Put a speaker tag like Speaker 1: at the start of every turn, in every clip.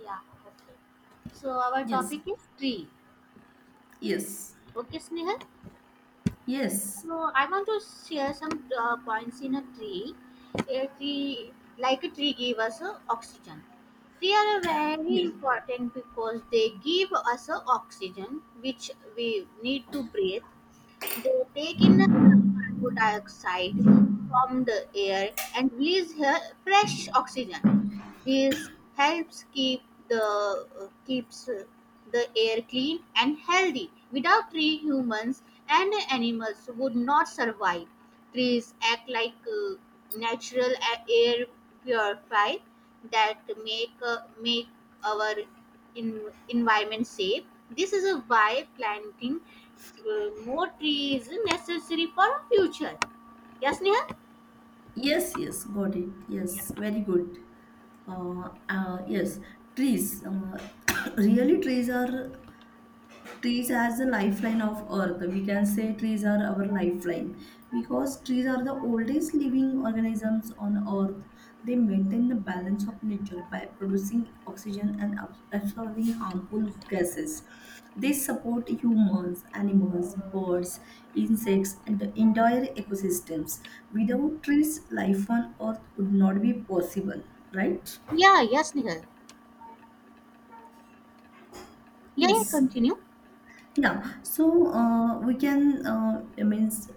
Speaker 1: Yeah, okay. So our
Speaker 2: Yes,
Speaker 1: topic is tree.
Speaker 2: yes,
Speaker 1: Okay, Snehal.
Speaker 2: yes,
Speaker 1: So I want to share some points in a tree. A tree, like a tree, give us oxygen. Tree are very
Speaker 2: yes,
Speaker 1: important because they give us oxygen, which we need to breathe. They take in carbon dioxide from the air and release fresh oxygen. This helps keep the uh, keeps uh, the air clean and healthy. Without trees, humans and animals would not survive. Trees act like natural air purifier that make our environment safe. This is why planting more trees is necessary for our future. Yes, Nihal?
Speaker 2: yes, got it. Yes, very good. Yes, trees. Really, trees as the lifeline of earth, we can say trees are our lifeline, because trees are the oldest living organisms on earth. They maintain the balance of nature by producing oxygen and absorbing harmful gases. They support humans, animals, birds, insects, and the entire ecosystems. Without trees, life on earth would not be possible, right?
Speaker 1: Yeah, yes, Nihal. Yeah, yeah,
Speaker 2: Yes.
Speaker 1: continue.
Speaker 2: Yeah, so we can, it means,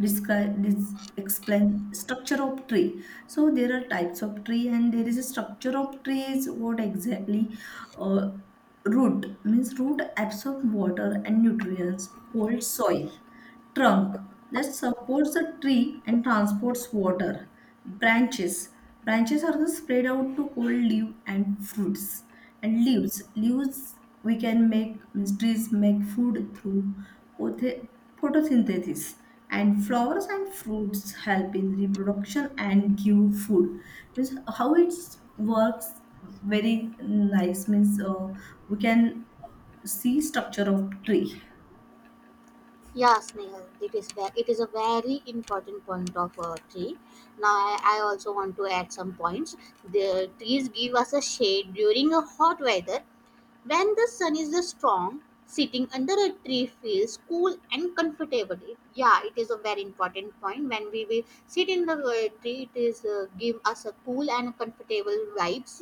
Speaker 2: describe this, explain structure of tree. So there are types of tree, and there is a structure of trees. What exactly? Uh, Root means root absorb water and nutrients, hold soil. Trunk that supports the tree and transports water. Branches, are the spread out to hold leaf and fruits. And leaves, we can make, means, trees make food through pothe- photosynthesis. And flowers and fruits help in reproduction and give food. Means how it works. Very nice, means we can see structure of tree.
Speaker 1: Yeah, Snehal, it is a very important point of a tree. Now, I also want to add some points. The trees give us a shade during a hot weather when the sun is strong, sitting under a tree feels cool and comfortable. Yeah, it is a very important point. When we will sit in the tree, it is give us a cool and comfortable vibes.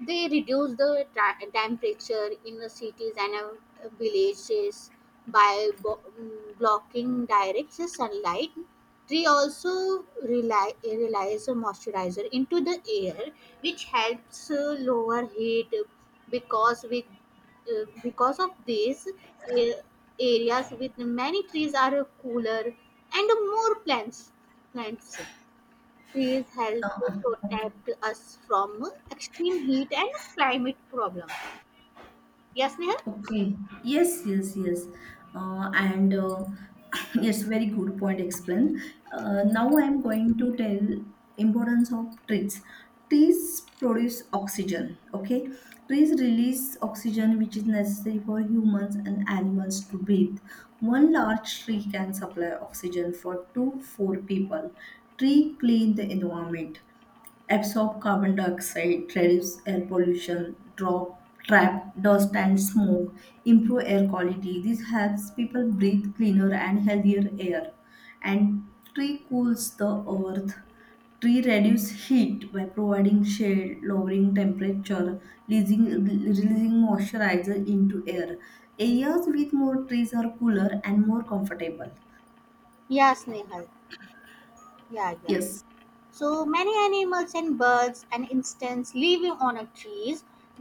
Speaker 1: They reduce the temperature in the cities and villages by blocking direct sunlight. Tree also relies a moisturizer into the air, which helps lower heat because with because of this areas with many trees are cooler and more plants plants trees help
Speaker 2: Uh,
Speaker 1: to
Speaker 2: okay.
Speaker 1: protect us from extreme heat and climate problem. Yes, Nehal.
Speaker 2: Okay. Yes, yes, yes. And yes, very good point explained. Now I am going to tell importance of trees. Trees produce oxygen. Okay, trees release oxygen which is necessary for humans and animals to breathe. One large tree can supply oxygen for two four people. Tree clean the environment, absorb carbon dioxide, reduce air pollution, drop, trap dust and smoke, improve air quality. This helps people breathe cleaner and healthier air. And tree cools the earth. Tree reduce heat by providing shade, lowering temperature, releasing moisturizer into air. Areas with more trees are cooler and more comfortable.
Speaker 1: Yes, Nehal. Yeah, yeah.
Speaker 2: Yes,
Speaker 1: So many animals and birds, and insects living on a trees,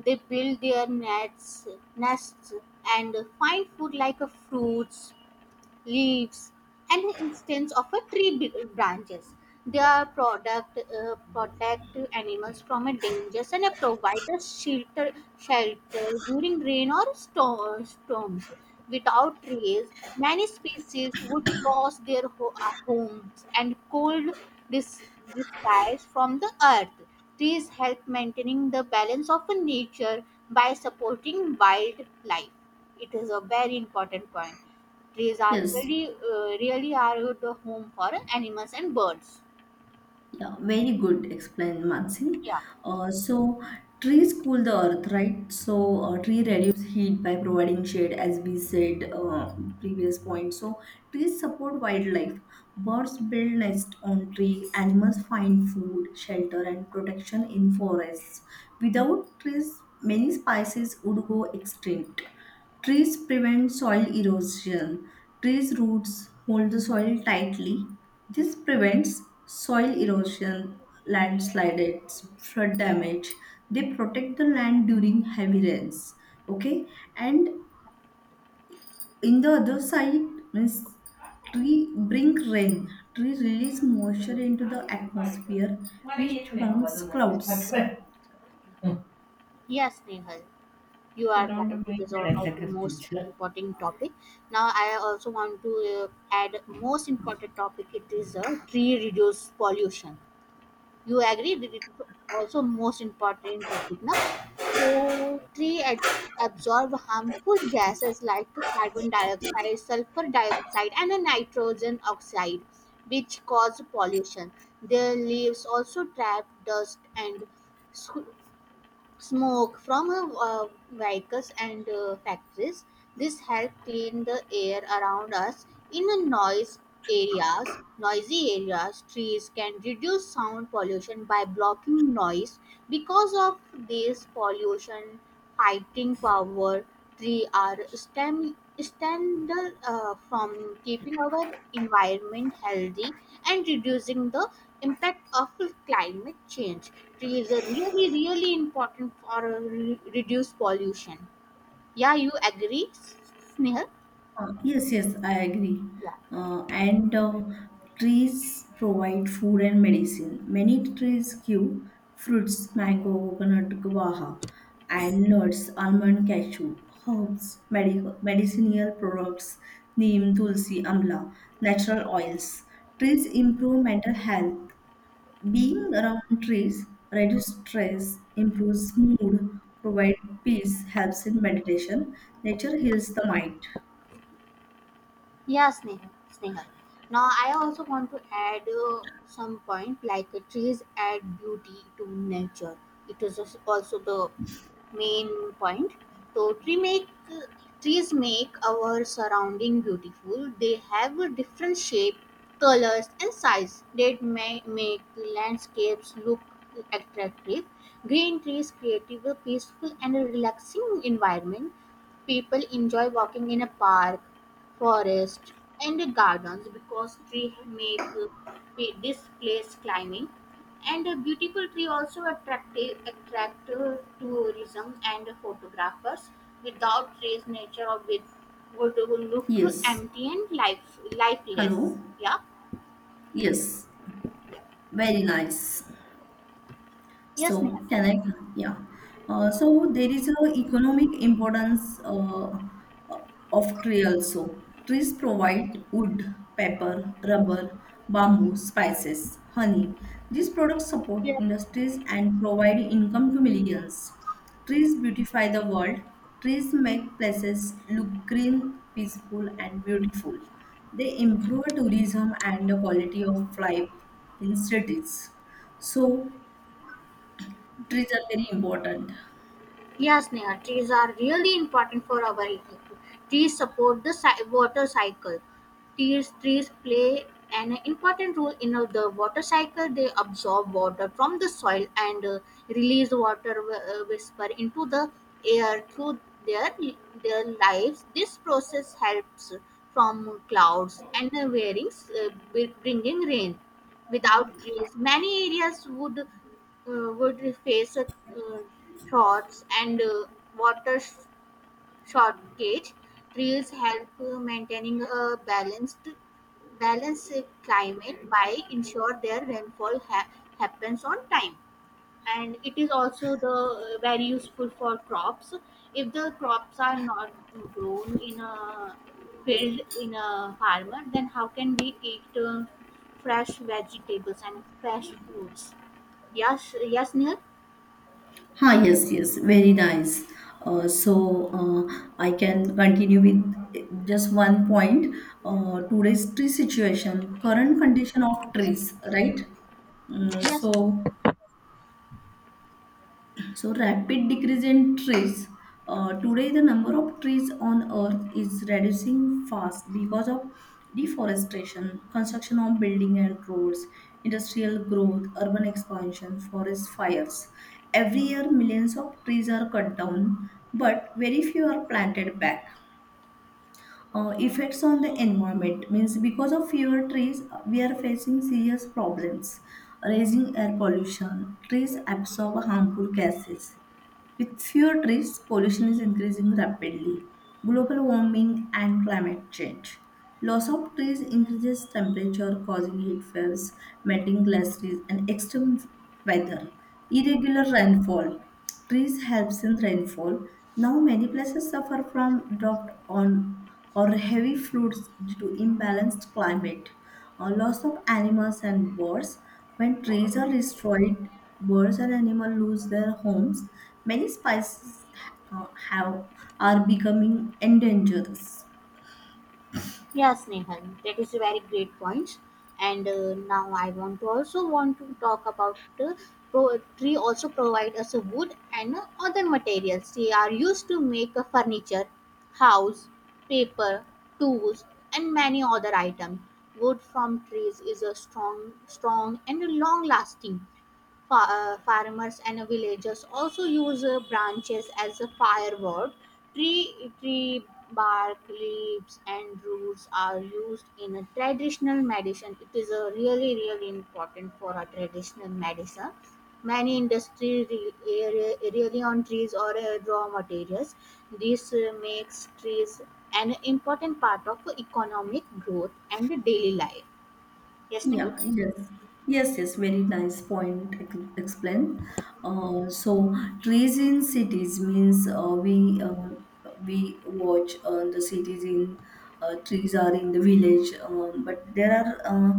Speaker 1: they build their nests and find food like a fruits, leaves, an instance of a tree branches. They are product protect animals from a danger and provide a shelter during rain or storms. Without trees, many species would lose their homes and cold dis- disguise from the earth. Trees help maintaining the balance of nature by supporting wildlife. It is a very important point. Trees are
Speaker 2: yes.
Speaker 1: really are good home for animals and birds.
Speaker 2: Yeah, very good explained, Mansi.
Speaker 1: Yeah.
Speaker 2: So trees cool the earth, right? So tree reduce heat by providing shade, as we said previous point. So trees support wildlife. Birds build nests on tree. Animals find food, shelter, and protection in forests. Without trees, many species would go extinct. Trees prevent soil erosion. Trees' roots hold the soil tightly. This prevents soil erosion, landslides, flood damage. They protect the land during heavy rains. Okay, and in the other side, means, tree bring rain. Trees release moisture into the atmosphere, which forms clouds.
Speaker 1: Yes, Nehal, you
Speaker 2: ते
Speaker 1: are
Speaker 2: round
Speaker 1: right.
Speaker 2: Up me
Speaker 1: It is
Speaker 2: पण ऐसा
Speaker 1: also
Speaker 2: करते.
Speaker 1: most important topic. Now I also want to add most important topic. It is a tree reduce pollution. You agree that it is also most important topic, na? So, trees absorb harmful gases like carbon dioxide, sulfur dioxide, and nitrogen oxide, which cause pollution. Their leaves also trap dust and squ- smoke from vehicles and factories. This helps clean the air around us. In a noise areas, Noisy areas, trees can reduce sound pollution by blocking noise. Because of this pollution fighting power, trees are essential from keeping our environment healthy and reducing the impact of climate change. Trees are really, really important for reduce pollution. Yeah, you agree, Snehal?
Speaker 2: Yes, yes, I agree.
Speaker 1: Yeah,
Speaker 2: And Trees provide food and medicine. Many trees give fruits, mango, coconut, guava, and nuts, almond, cashew, herbs, medical, medicinal products, neem, tulsi, amla, natural oils. Trees improve mental health. Being around trees reduces stress, improves mood, provides peace, helps in meditation. Nature heals the mind.
Speaker 1: yeah, Snehal. Snehal. Now, I also want to add some point like trees add beauty to nature. It is also the main point. So trees make our surrounding beautiful. They have a different shape, colors and size that may make landscapes look attractive. Green trees create a peaceful and relaxing environment. People enjoy walking in a park, forest and gardens because trees make this place climbing and a beautiful tree also attract tourism and photographers. Without trees, nature of it would look
Speaker 2: Yes.
Speaker 1: empty and lifeless.
Speaker 2: Hello.
Speaker 1: Yeah.
Speaker 2: Yes. Very nice.
Speaker 1: Yes, Neha.
Speaker 2: So can I? Yeah. So there is a economic importance, uh, of tree also. Trees provide wood, paper, rubber, bamboo, spices, honey. These products support
Speaker 1: Yeah.
Speaker 2: industries and provide income to millions. Trees beautify the world. Trees make places look green, peaceful, and beautiful. They improve tourism and the quality of life in cities. So, trees are very important.
Speaker 1: Yes, Neha, trees are really important for our ecosystem. Trees support the water cycle. Trees play an important role in the water cycle. They absorb water from the soil and release whisper into the air through their their lives. This process helps from clouds and wearings, bringing rain. Without trees, many areas would face a thoughts and water shortage. Trees help maintaining a balanced climate by ensure their rainfall happens on time. And it is also the very useful for crops. If the crops are not grown in a field in a farmer, then how can we eat fresh vegetables and fresh fruits? Yes, yes, Neil.
Speaker 2: Ha, yes, yes, very nice. I can continue with eh, just one point. Today's tree situation, current condition of trees, right? Mm,
Speaker 1: Yes,
Speaker 2: so
Speaker 1: Neha.
Speaker 2: so, rapid decrease in trees. Today, the number of trees on Earth is reducing fast because of deforestation, construction of building and roads, industrial growth, urban expansion, forest fires. Every year, millions of trees are cut down, but very few are planted back. Effects on the environment, means, because of fewer trees, we are facing serious problems. Raising air pollution, trees absorb harmful gases, with fewer trees, pollution is increasing rapidly. Global warming and climate change. Loss of trees increases temperature, causing heat waves, melting glaciers, and extreme weather. Irregular rainfall. Trees helps in rainfall. Now many places suffer from drought on or heavy floods due to imbalanced climate. Loss of animals and birds. When trees are destroyed, birds and animals lose their homes. Many species have are becoming endangered.
Speaker 1: Yes, Nehan. That is a very great point. And now I want to talk about tree also provide us a wood and other materials. They are used to make a furniture, house, paper, tools, and many other items. Wood from trees is a strong and long lasting. Farmers and villagers also use branches as a firewood. Tree bark, leaves, and roots are used in a traditional medicine. It is a really, really important for a traditional medicine. Many industries rely on trees or raw materials. This makes trees an important part of economic growth and daily life. Yes, Neha?
Speaker 2: Yeah, yes. Yes, yes, very nice point explained. So trees in cities, means, we watch the cities in, trees are in the village, but there are,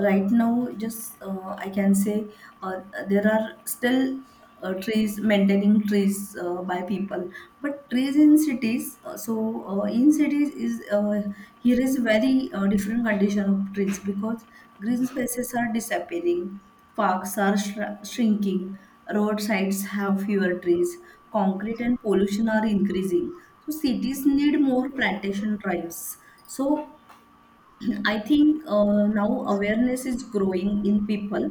Speaker 2: right now just, I can say, uh, there are still trees, maintaining trees by people, but trees in cities, in cities is, here is very different condition of trees, because green spaces are disappearing, parks are shrinking, roadsides have fewer trees, concrete and pollution are increasing, so cities need more plantation drives. So I think now awareness is growing in people.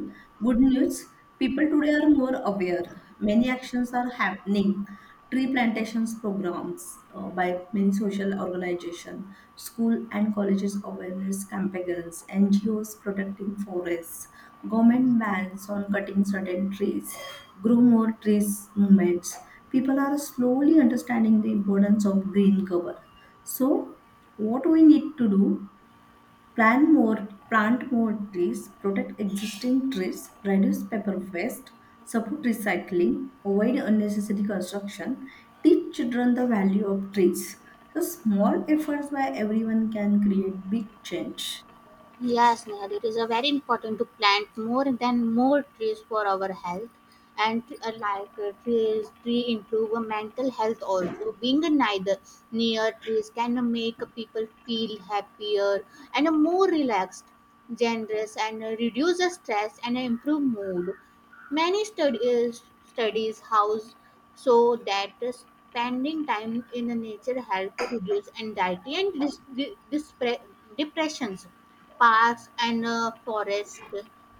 Speaker 2: Good news, people today are more aware. Many actions are happening. Tree plantations programs by many social organizations, school and colleges awareness campaigns, NGOs protecting forests, government bans on cutting certain trees, grow more trees movements. People are slowly understanding the importance of green cover. So, what we need to do: plant more trees, protect existing trees, reduce paper waste, support recycling, avoid unnecessary construction, teach children the value of trees. So small efforts by everyone can create big change.
Speaker 1: Yes, Nehal, it is a very important to plant more than more trees for our health and like tree improve our mental health also being neither near trees can make people feel happier and more relaxed generous and reduce the stress and improve mood. Many studies house so that spending time in the nature help to reduce anxiety and dis- depressions. Parks and forests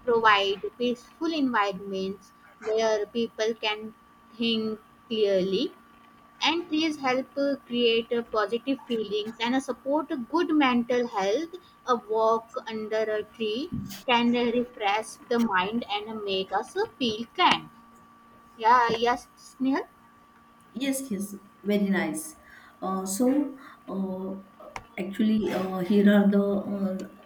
Speaker 1: provide peaceful environments where people can think clearly, and trees help create positive feelings and support good mental health. A walk under a tree can refresh the mind and make us feel calm. Yeah, yes, Snehal.
Speaker 2: Yes, yes, very nice. Uh, so, uh, actually, here are the,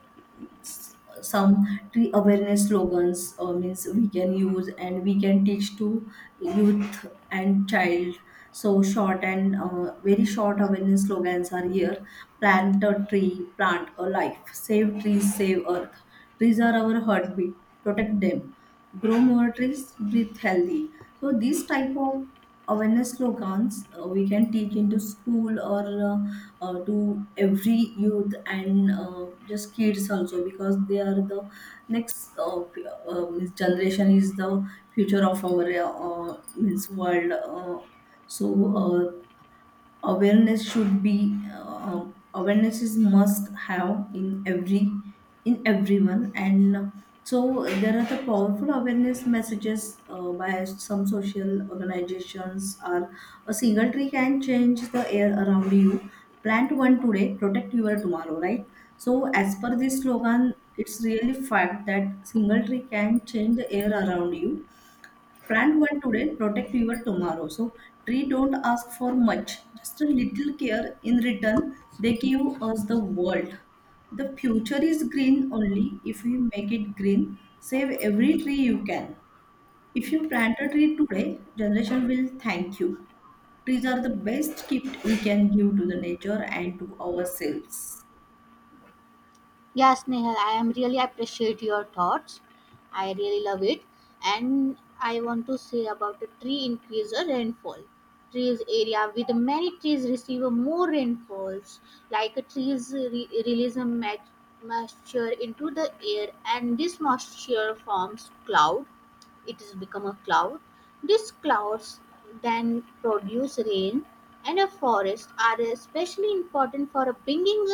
Speaker 2: s- some tree awareness slogans. Means we can use and we can teach to youth and child. So short and very short awareness slogans are here. Plant a tree, plant a life. Save trees, save earth. Trees are our heartbeat. Protect them, grow more trees, breathe healthy. So these type of awareness slogans we can take into school, or to every youth and just kids also, because they are the next, means, generation is the future of our, means, world. So uh, awareness should be, awareness is must have in every in everyone. And so there are the powerful awareness messages by some social organizations are: a single tree can change the air around you, plant one today, protect your tomorrow, right? So as per this slogan, it's really fact that single tree can change the air around you. Brand one today, protect your tomorrow. So tree don't ask for much, just a little care in return. They give us the world. The future is green only if we make it green. Save every tree you can. If you plant a tree today, generation will thank you. Trees are the best gift we can give to the nature and to ourselves.
Speaker 1: Yes, Nehal, I am really appreciate your thoughts. I really love it. And I want to say about the tree increase or rainfall. Trees area with many trees receive more rainfalls, like release a moisture into the air, and this moisture forms cloud it has become a cloud. These clouds then produce rain, and a forest are especially important for bringing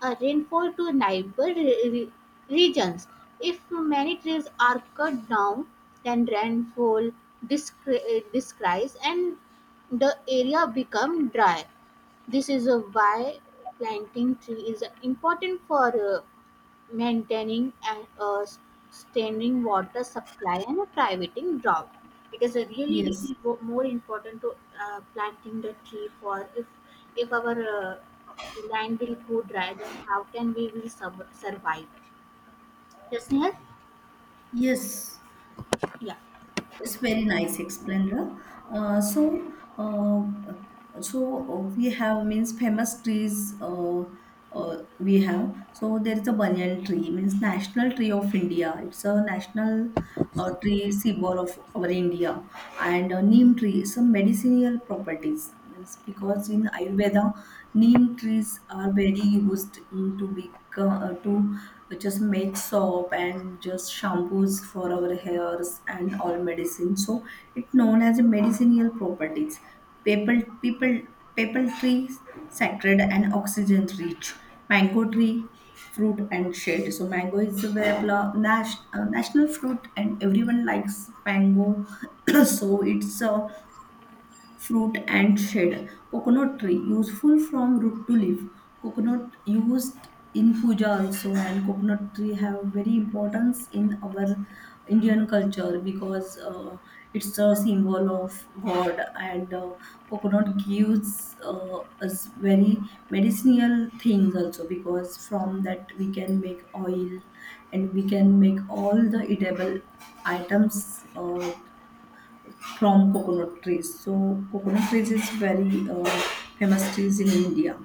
Speaker 1: a rainfall to neighbor regions. If many trees are cut down, then rainfall decreases and the area become dry. This is why planting tree is important for maintaining a standing water supply and a privating drought. It is a really,
Speaker 2: Yes.
Speaker 1: really more important to planting the tree for if our land will go dry, then how can we will survive? Yes, Nihal?
Speaker 2: Yes.
Speaker 1: Yeah.
Speaker 2: It's very nice explainer. Uh, so, uh, we have, means, famous trees. We have, so there is a banyan tree, means national tree of India. It's a national tree symbol of our India, and neem tree, some medicinal properties. Means, because in Ayurveda, neem trees are very used in to be to we just make soap and just shampoos for our hairs and all medicine. So it's known as a medicinal properties. People, people, people tree, sacred and oxygen rich. Mango tree, fruit and shade. So mango is a very national fruit, and everyone likes mango. So it's a fruit and shade. Coconut tree, useful from root to leaf. Coconut used in puja also, and coconut tree have very importance in our Indian culture, because it's a symbol of God, and coconut gives us very medicinal things also, because from that we can make oil and we can make all the edible items. From coconut trees. So coconut trees is very famous trees in India.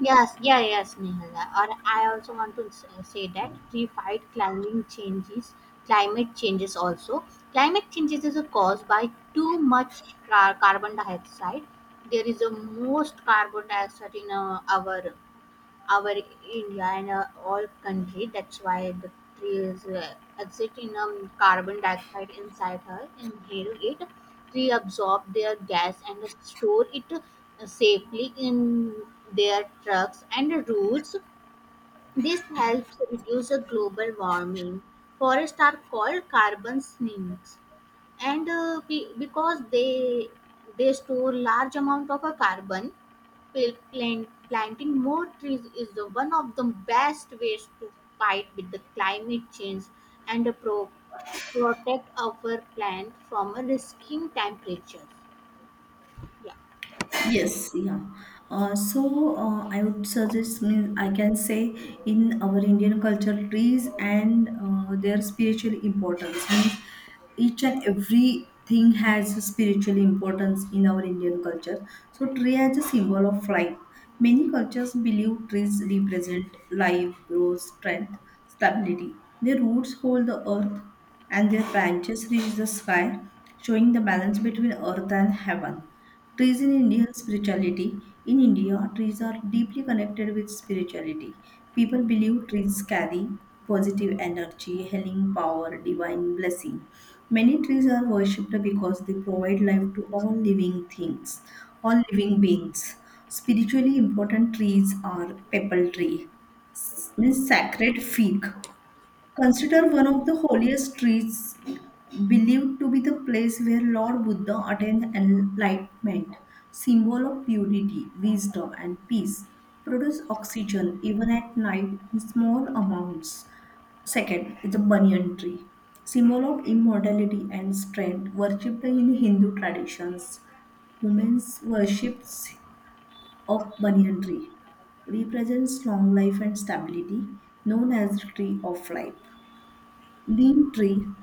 Speaker 1: Yes, yeah, yes, Nihal. Or I also want to say that we fight climate changes. Climate changes also. Climate changes is caused by too much carbon dioxide. There is a most carbon dioxide in our India and all country. That's why the tree is exiting carbon dioxide inside her, inhale it, tree absorb their gas and store it safely in their trucks and roots. This helps reduce the global warming. Forests are called carbon sinks, and because they store large amount of a carbon. Planting more trees is the one of the best ways to fight with the climate change and to protect our planet from risking temperatures. Yeah.
Speaker 2: Yes, yeah. I would suggest, mean, I can say, in our Indian culture, trees and their spiritual importance. Means, each and everything has a spiritual importance in our Indian culture. So tree as a symbol of life. Many cultures believe trees represent life, growth, strength, stability. Their roots hold the earth and their branches reach the sky, showing the balance between earth and heaven. Trees in Indian spirituality. In India, trees are deeply connected with spirituality. People believe trees carry positive energy, healing power, divine blessing. Many trees are worshipped because they provide life to all living things, all living beings. Spiritually important trees are pepper tree, means sacred fig. Consider one of the holiest streets, believed to be the place where Lord Buddha attained enlightenment, symbol of purity, wisdom, and peace, produce oxygen even at night in small amounts. Second is the banyan tree, symbol of immortality and strength, worshipped in Hindu traditions. Women's worships of banyan tree represents long life and stability, known as the tree of life. Neem tree,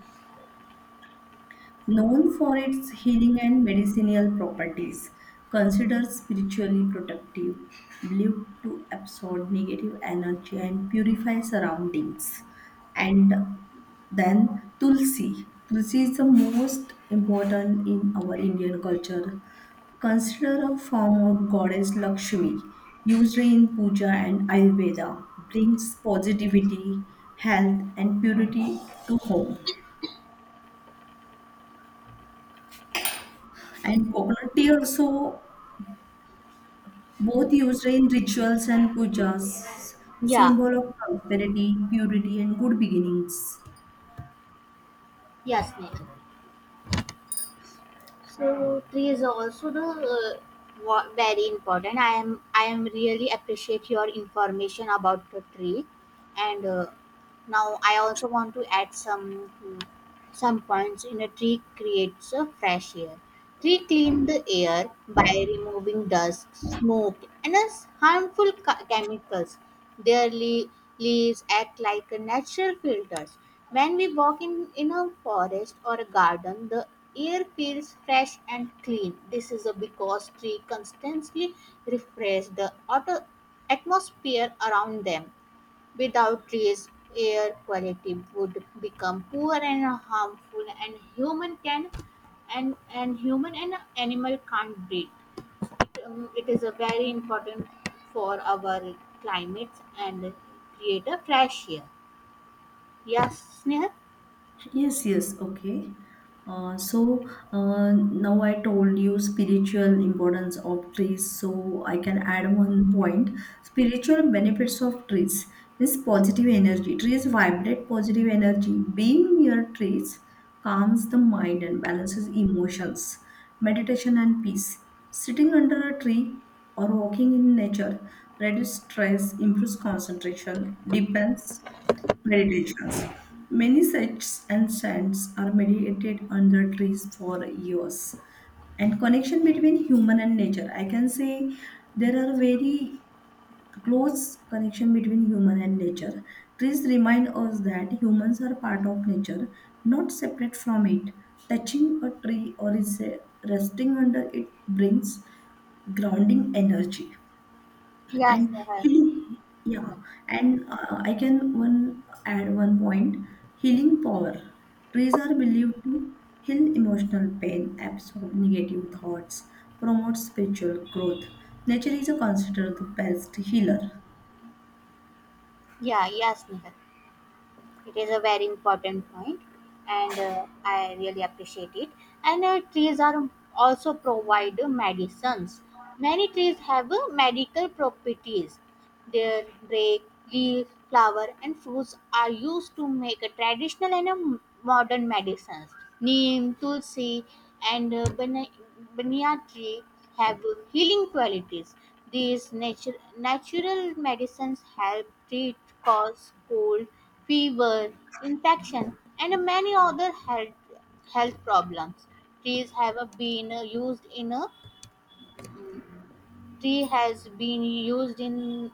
Speaker 2: known for its healing and medicinal properties, considered spiritually protective, believed to absorb negative energy and purify surroundings. And then tulsi. Tulsi is the most important in our Indian culture. Considered a form of goddess Lakshmi, used in puja and Ayurveda, brings positivity, health, and purity to home. And coconut tea also both used in rituals and pujas,
Speaker 1: Yeah,
Speaker 2: symbol of prosperity, purity, and good beginnings.
Speaker 1: yes, Nehal. So trees are also the very important. I am really appreciate your information about the tree, and now I also want to add some mm, some points in a tree creates a fresh air. Tree clean the air by removing dust, smoke, and as harmful chemicals. Their leaves act like a natural filters. When we in a forest or a garden, the air feels fresh and clean. This is a because tree constantly refresh the atmosphere around them. Without trees, air quality would become poor and harmful, and human and animal can't breathe. It is a very important for our climates and create a fresh air. Yes, Sneha.
Speaker 2: Yes, yes, okay. Uh, so now I told you spiritual importance of trees. So I can add one point: spiritual benefits of trees. This positive energy. Trees vibrate positive energy. Being near trees calms the mind and balances emotions. Meditation and peace. Sitting under a tree or walking in nature reduces stress, improves concentration, deepens meditations. Many sects and saints are meditated under trees for years. And connection between human and nature. I can say there are very close connection between human and nature. Trees remind us that humans are part of nature, not separate from it. Touching a tree or is resting under it brings grounding energy and
Speaker 1: Yes, Nehal.
Speaker 2: healing, yeah. And I can one add one point: healing power. Trees are believed to heal emotional pain, absorb negative thoughts, promote spiritual growth. Nature is considered the best healer.
Speaker 1: Yeah, yes, Sneha. It is a very important point, and I really appreciate it. And trees are also provide medicines. Many trees have medical properties. Their bark, leaf, flower, and fruits are used to make a traditional and a modern medicines. Neem, tulsi, and banyan tree have healing qualities. These natural medicines help treat coughs, cold, fever, infection, and many other health problems. Trees have a been uh, used in a Tree has been used in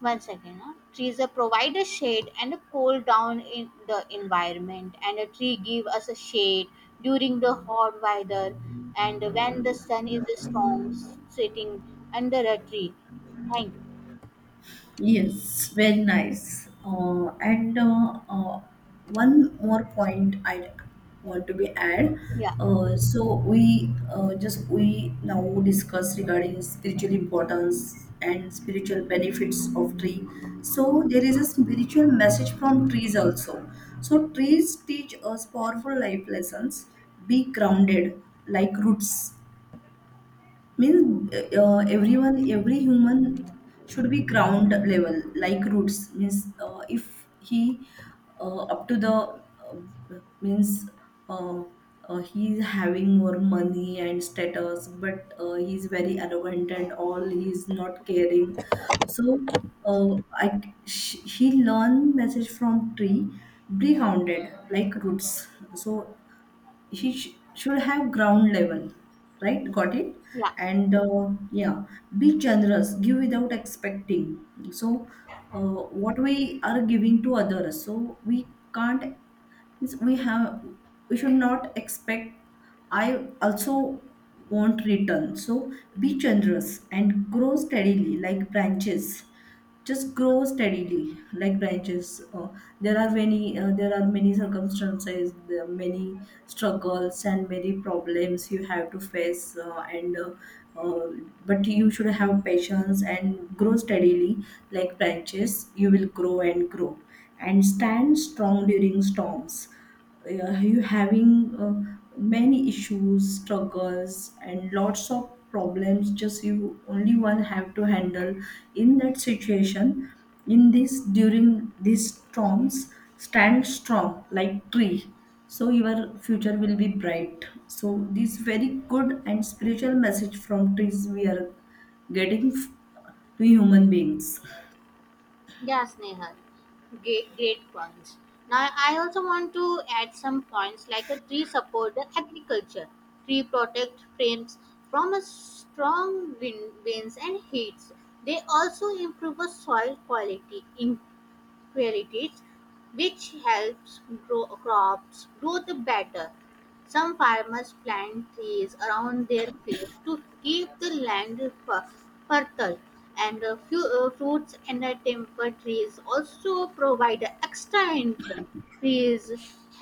Speaker 1: one second. Huh? Trees provide a shade and a cool down in the environment, and a tree give us a shade during the hot weather and when the sun is strong, sitting under a tree. Thank
Speaker 2: Yes, very nice. And one more point I want to be add.
Speaker 1: yeah
Speaker 2: So we just we now discuss regarding spiritual importance and spiritual benefits of tree. So there is a spiritual message from trees also. So trees teach us powerful life lessons. Be grounded like roots means everyone every human should be ground level like roots means if he up to the means uh, he's having more money and status but he's very arrogant and all, he's not caring. So I, sh he learn message from tree: be grounded like roots. So he should have ground level. Right, got it.
Speaker 1: yeah.
Speaker 2: And yeah, be generous, give without expecting. So uh, what we are giving to others, so we can't means we have, we should not expect I also want return. So be generous and grow steadily like branches. Just grow steadily like branches. uh, there are many circumstances, there are many struggles and many problems you have to face. And uh, but you should have patience and grow steadily like branches. You will grow and grow and stand strong during storms. You having many issues, struggles, and lots of problems just you only one have to handle. In that situation, in this during these storms, stand strong like tree. So your future will be bright. So this very good and spiritual message from trees we are getting to human beings.
Speaker 1: Yes, Nehal. Great, great points. Now, I also want to add some points like a tree support the agriculture, tree protect frames from a strong wind, winds and heats. They also improve a soil quality in qualities, which helps grow the better. Some farmers plant trees around their fields to keep the land fertile, and a few fruits and temper trees also provide extra income. Trees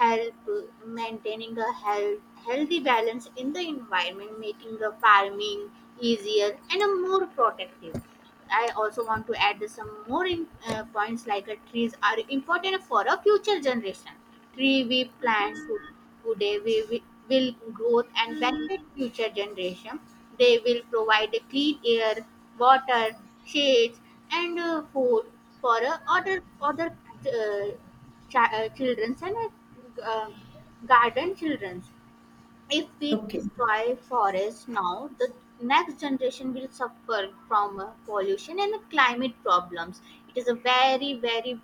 Speaker 1: help maintaining a healthy balance in the environment, making the farming easier and more protective. I also want to add some more points like trees are important for a future generation. Tree we plant to Today we will growth and benefit future generation. They will provide clean air, water, shades, and food for other uh, children and uh, garden children. If we
Speaker 2: Okay.
Speaker 1: destroy forests now, the next generation will suffer from pollution and climate problems. It is a very, very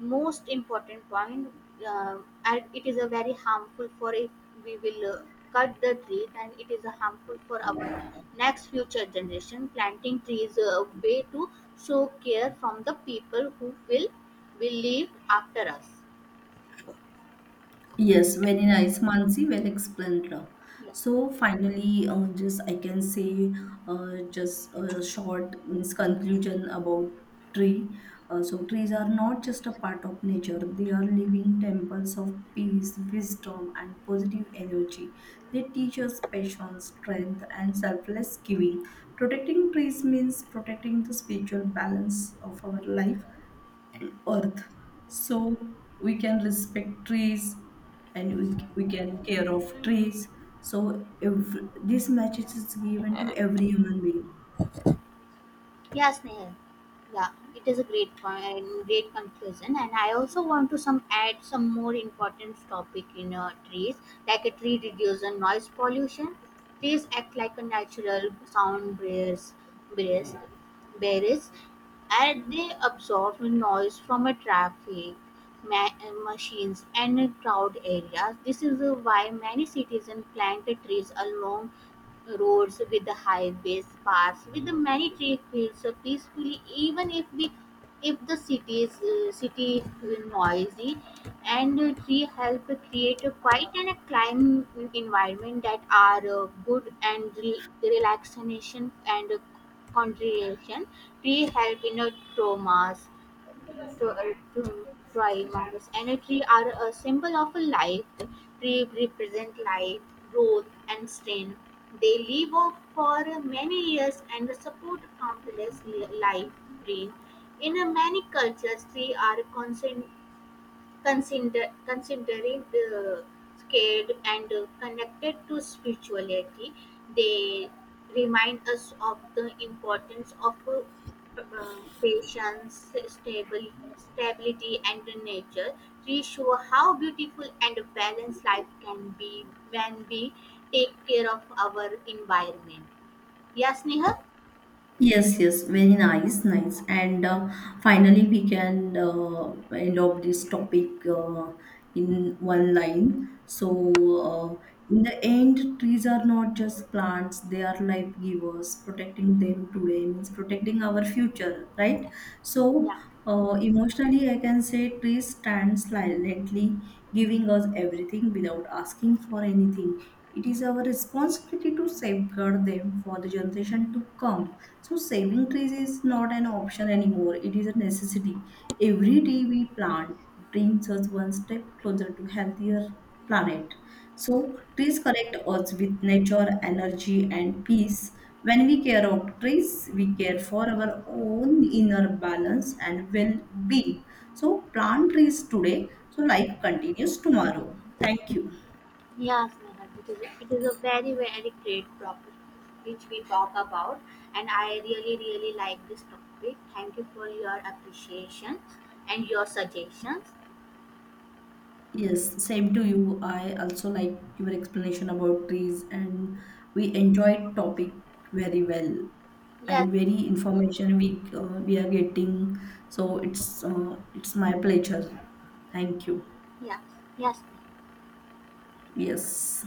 Speaker 1: most important point, uh, and it is a very harmful for if we will cut the tree and it is a harmful for our next future generation. Planting trees a way to show care from the people who will live after us.
Speaker 2: Yes, very nice, Mansi. Well explained. Love.
Speaker 1: Yeah.
Speaker 2: So finally, just I can say just a short means conclusion about tree. So trees are not just a part of nature; they are living temples of peace, wisdom, and positive energy. They teach us patience, strength, and selfless giving. Protecting trees means protecting the spiritual balance of our life, earth. So we can respect trees, and we can care of trees. So if this message is given to every human being.
Speaker 1: Yeah, Snehal. Yeah, it is a great point, great conclusion, and I also want to some add some more important topic in trees, like a tree reduces noise pollution. Trees act like a natural barriers, barriers, and they absorb noise from a traffic, machines, and crowd areas. This is why many citizens plant trees along roads with the highways paths with the many tree fields so peacefully. Even if the city is noisy and tree help create a quiet and a calm environment that are good and relaxation and concentration. Tree help in a traumas to uh, to try mangoes. Triangles energy are a symbol of a life. The tree represent life, growth, and strength. They live off for many years and support countless life green. In a many cultures, trees are constant Consider, considering the scared and connected to spirituality, they remind us of the importance of patience, stability, and the nature. To show how beautiful and balanced life can be when we take care of our environment. Yes, Neha?
Speaker 2: Yes, yes, very nice, nice. And finally, we can end up this topic in one line. So, in the end, trees are not just plants, they are life givers. Protecting them today means protecting our future, right? So,
Speaker 1: Yeah.
Speaker 2: emotionally, I can say trees stand silently, giving us everything without asking for anything. It is our responsibility to safeguard them for the generation to come. So saving trees is not an option anymore, it is a necessity. Every day we plant brings us one step closer to healthier planet. So trees connect us with nature, energy and peace. When we care of trees, we care for our own inner balance and well-being. So plant trees today so life continues tomorrow. Thank you.
Speaker 1: Yes, Mehrab, it is a very, very great topic which we talk about, and I really, really like this topic. Thank you for your appreciations and your suggestions.
Speaker 2: Yes, same to you. I also like your explanation about trees, and we enjoyed topic very well
Speaker 1: Yes,
Speaker 2: and very information we are getting. So it's my pleasure. Thank you.
Speaker 1: yes, yes.
Speaker 2: Yes.